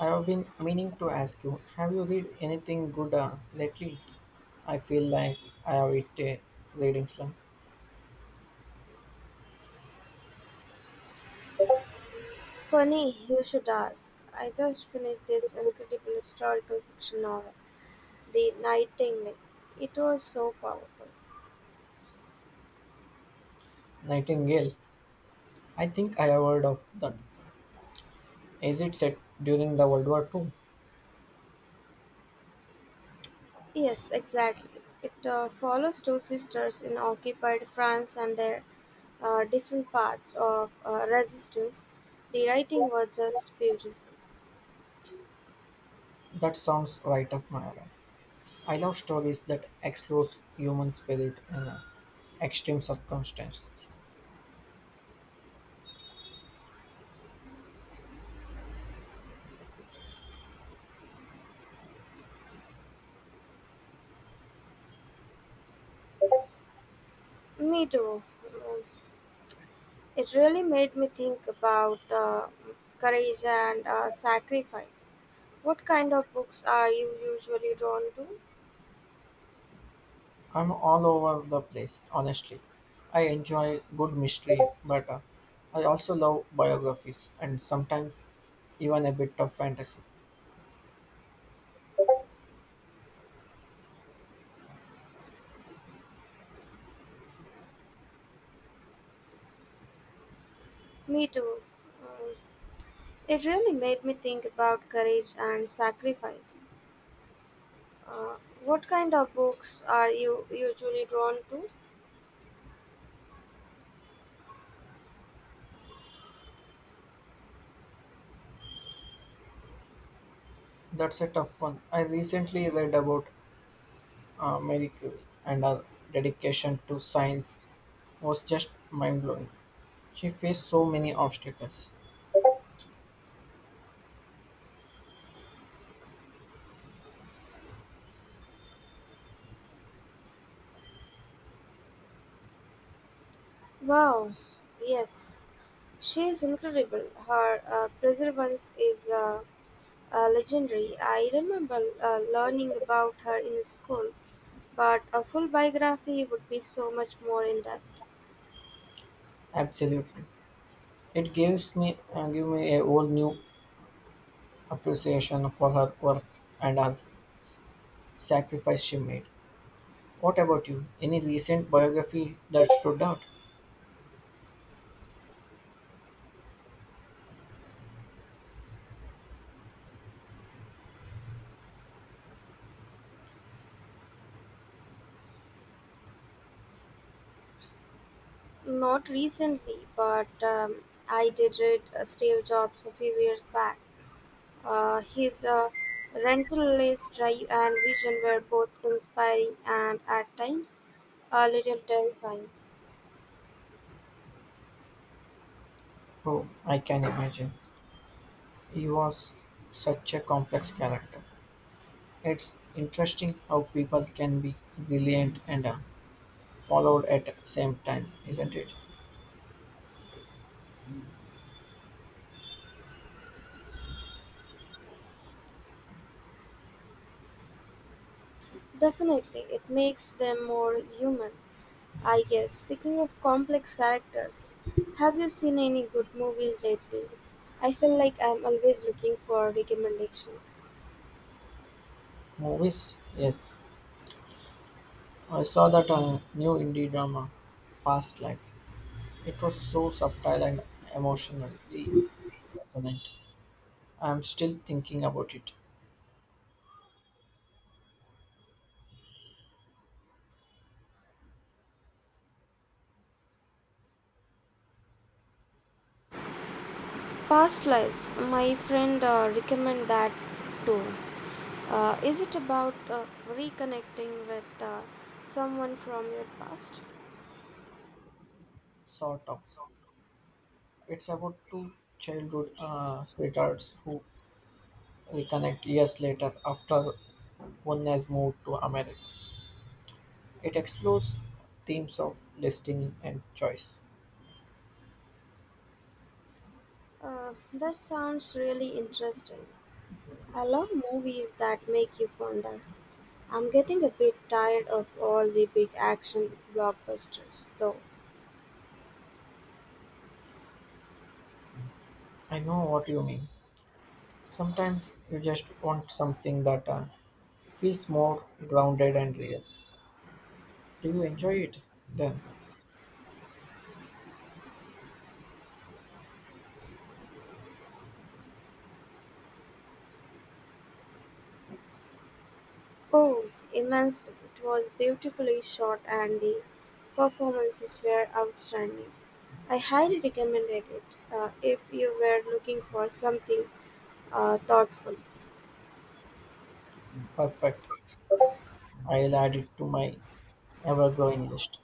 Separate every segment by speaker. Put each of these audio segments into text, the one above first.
Speaker 1: I have been meaning to ask you, have you read anything good lately? I feel like I have hit a reading slump.
Speaker 2: Funny you should ask. I just finished this incredible historical fiction novel, The Nightingale. It was so powerful.
Speaker 1: Nightingale. I think I have heard of that. Is it set during the World War Two?
Speaker 2: Yes, exactly. It follows two sisters in occupied France and their different paths of resistance. The writing was just beautiful.
Speaker 1: That sounds right up my alley. I love stories that explore human spirit in extreme circumstances.
Speaker 2: Me too. Mm, it really made me think about courage and sacrifice. What kind of books are you usually drawn to?
Speaker 1: I'm all over the place, honestly. I enjoy good mystery, but I also love biographies and sometimes even a bit of fantasy.
Speaker 2: Me too. Um, it really made me think about courage and sacrifice. Uh, what kind of books are you usually drawn to?
Speaker 1: That's a tough one. I recently read about Marie Curie, and her dedication to science was just mind blowing. She faced so many obstacles.
Speaker 2: Wow, yes, she is incredible. Her perseverance is legendary. I remember learning about her in school, but a full biography would be so much more in depth.
Speaker 1: Absolutely, it gives me give me a whole new appreciation for her work and her sacrifice she made. What about you? Any recent biography that stood out?
Speaker 2: Not recently, but I did read Steve Jobs a few years back. His relentless drive and vision were both inspiring and at times a little terrifying.
Speaker 1: Oh, I can imagine. He was such a complex character. It's interesting how people can be brilliant and followed at the same time, isn't it?
Speaker 2: Definitely, it makes them more human, I guess. Speaking of complex characters, have you seen any good movies lately? I feel like I'm always looking for recommendations.
Speaker 1: Movies? Yes. I saw that new indie drama, Past Life. It was so subtle and emotionally resonant. I'm still thinking about it,
Speaker 2: Past Lives, my friend recommend that too. Is it about reconnecting with someone from your past?
Speaker 1: sort of. It's about two childhood sweethearts who reconnect years later after one has moved to America. It explores themes of destiny and choice.
Speaker 2: That sounds really interesting. I love movies that make you ponder. I'm getting a bit tired of all the big action blockbusters, though.
Speaker 1: I know what you mean. Sometimes you just want something that feels more grounded and real. Do you enjoy it? Then,
Speaker 2: Oh, immensely. It was beautifully shot and the performances were outstanding. I highly recommended it if you were looking for something thoughtful.
Speaker 1: perfect. I'll add it to my ever growing list.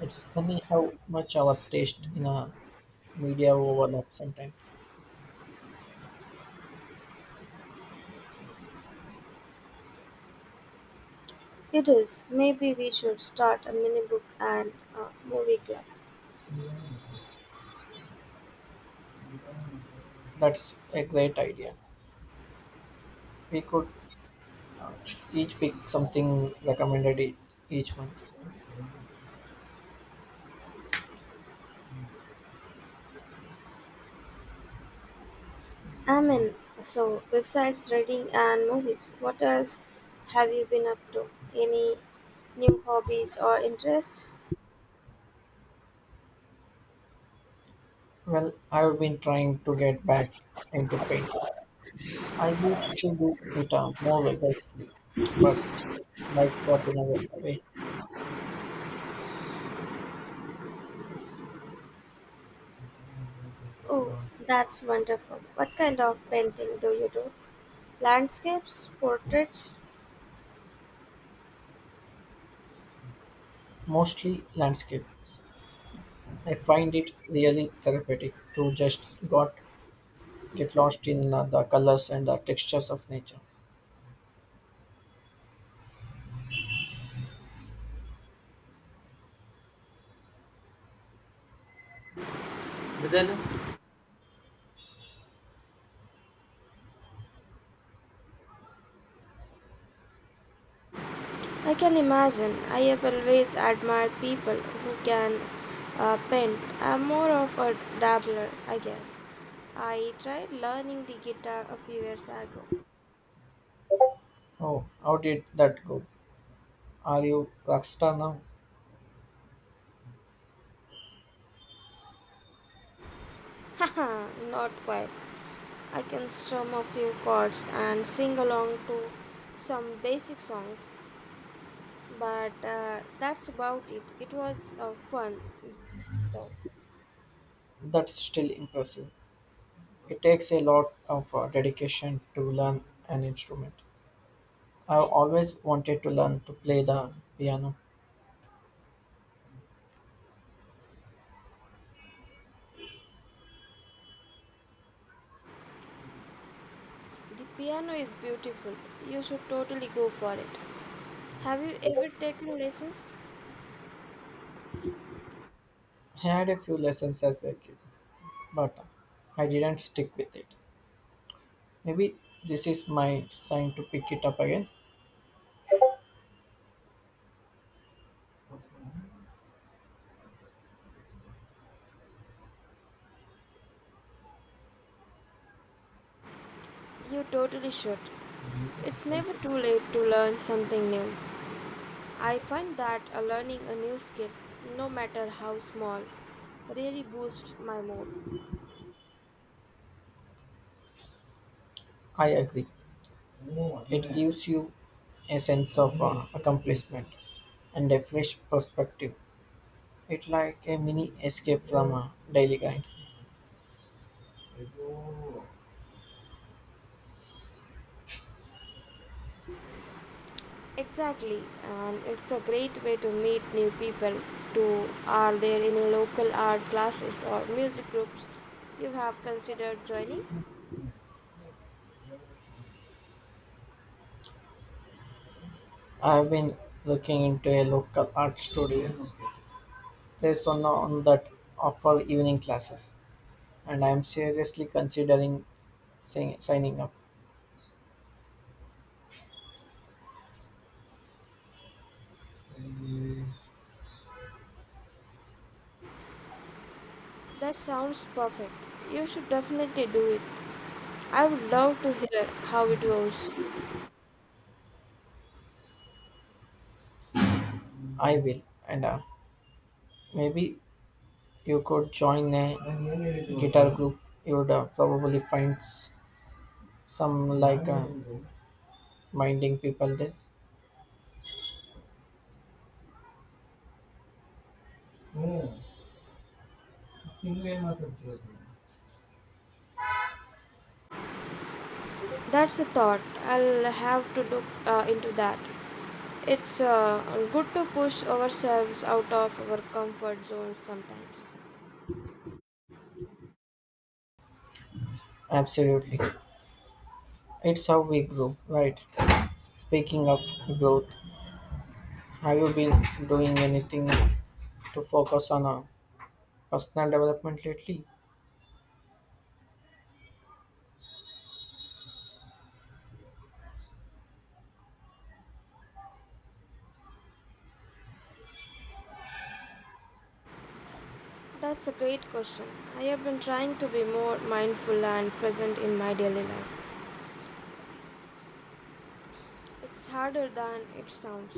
Speaker 1: It's funny how much our taste in our media overlap sometimes.
Speaker 2: It is. Maybe we should start a mini book and movie club.
Speaker 1: That's a great idea. We could each pick something recommended each month.
Speaker 2: Amen. So besides reading and movies, what else have you been up to? Any new hobbies or interests?
Speaker 1: Well, I've been trying to get back into painting. I used to do it more vigorously, but life got in the way.
Speaker 2: Oh, that's wonderful. What kind of painting do you do? Landscapes, portraits?
Speaker 1: Mostly landscapes. I find it really therapeutic to just got get lost in the colors and the textures of nature.
Speaker 2: Then I can imagine. I have always admired people who can paint. I'm more of a dabbler, I guess. I tried learning the guitar a few years ago.
Speaker 1: Oh, how did that go? Are you rockstar now?
Speaker 2: Haha, not quite. I can strum a few chords and sing along to some basic songs, but that's about it. It was fun though.
Speaker 1: That's still impressive. It takes a lot of dedication to learn an instrument. I've always wanted to learn to play the piano.
Speaker 2: The piano is beautiful. You should totally go for it. Have you ever taken lessons?
Speaker 1: I had a few lessons as a kid, but I didn't stick with it. Maybe this is my sign to pick it up again.
Speaker 2: You totally should. It's never too late to learn something new. I find that learning a new skill, no matter how small, really boosts my mood.
Speaker 1: I agree. It gives you a sense of accomplishment and a fresh perspective. It's like a mini escape from a daily grind.
Speaker 2: Exactly, and it's a great way to meet new people to are there any local art classes or music groups you have considered joining?
Speaker 1: I've been looking into a local art studio. There's one on that offer evening classes, and I'm seriously considering signing up.
Speaker 2: That sounds perfect. You should definitely do it. I would love to hear how it goes.
Speaker 1: I will, and maybe you could join a guitar group. You would probably find some like minding people there. Oh, ತಿಂಗ್ಳೇನ್ ಮಾತಾಡ್ತಿರೋದು?
Speaker 2: That's a thought. I'll have to look into that. It's good to push ourselves out of our comfort zones sometimes.
Speaker 1: Absolutely. It's how we grow, right? Speaking of growth, have you been doing anything to focus on a personal development lately?
Speaker 2: That's a great question. I have been trying to be more mindful and present in my daily life. It's harder than it sounds.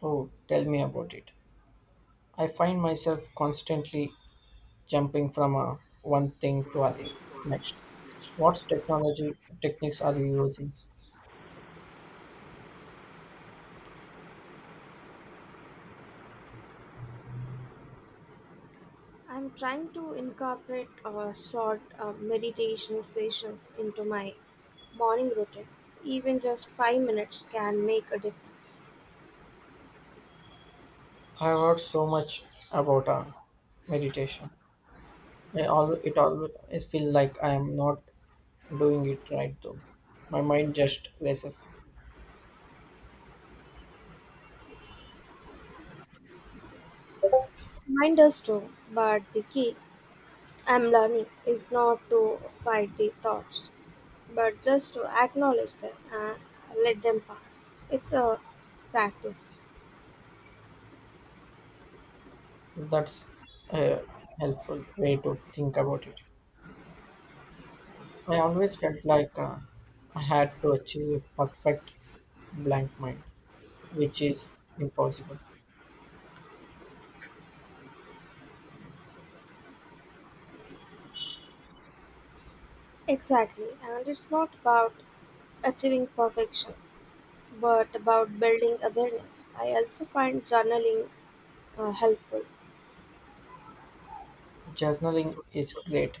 Speaker 1: Oh, tell me about it. I find myself constantly jumping from a one thing to another. Next, what technology techniques are you using?
Speaker 2: I'm trying to incorporate short meditation sessions into my morning routine. Even just 5 minutes can make a difference.
Speaker 1: I have heard so much about meditation. It always feels like I am not doing it right though. My mind just races.
Speaker 2: Mine does too, but the key I'm learning is not to fight the thoughts, but just to acknowledge them and let them pass. It's a practice.
Speaker 1: That's a helpful way to think about it. I always felt like I had to achieve a perfect blank mind, which is impossible.
Speaker 2: Exactly, and it's not about achieving perfection, but about building awareness. I also find journaling helpful.
Speaker 1: Journaling is great.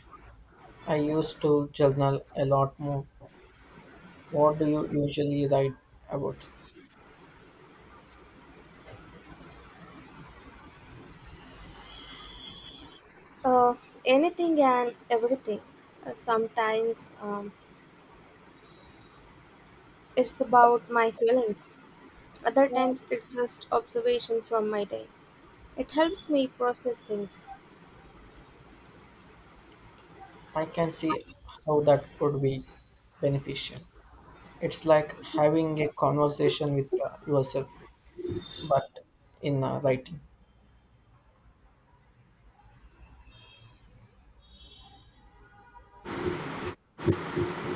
Speaker 1: I used to journal a lot more. What do you usually write about?
Speaker 2: Uh, Anything and everything. Sometimes it's about my feelings, other times it's just observation from my day. It helps me process things.
Speaker 1: I can see how that could be beneficial. It's like having a conversation with yourself, but in writing.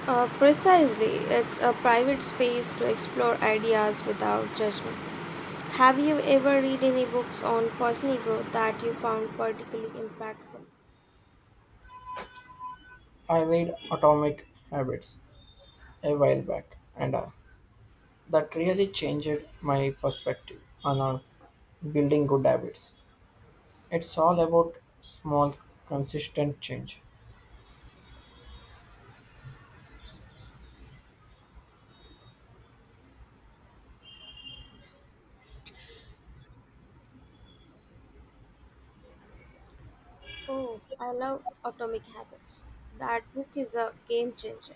Speaker 2: Precisely, it's a private space to explore ideas without judgment. Have you ever read any books on personal growth that you found particularly impactful?
Speaker 1: I read Atomic Habits a while back, and that really changed my perspective on building good habits. It's all about small, consistent change.
Speaker 2: Oh, I love Atomic Habits. That book is a game changer.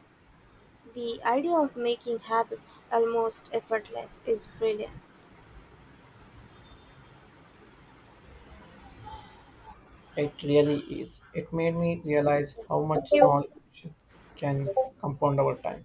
Speaker 2: The idea of making habits almost effortless is brilliant.
Speaker 1: It really is. It made me realize
Speaker 2: Yes,
Speaker 1: how
Speaker 2: thank
Speaker 1: much
Speaker 2: you.
Speaker 1: small action can compound over time.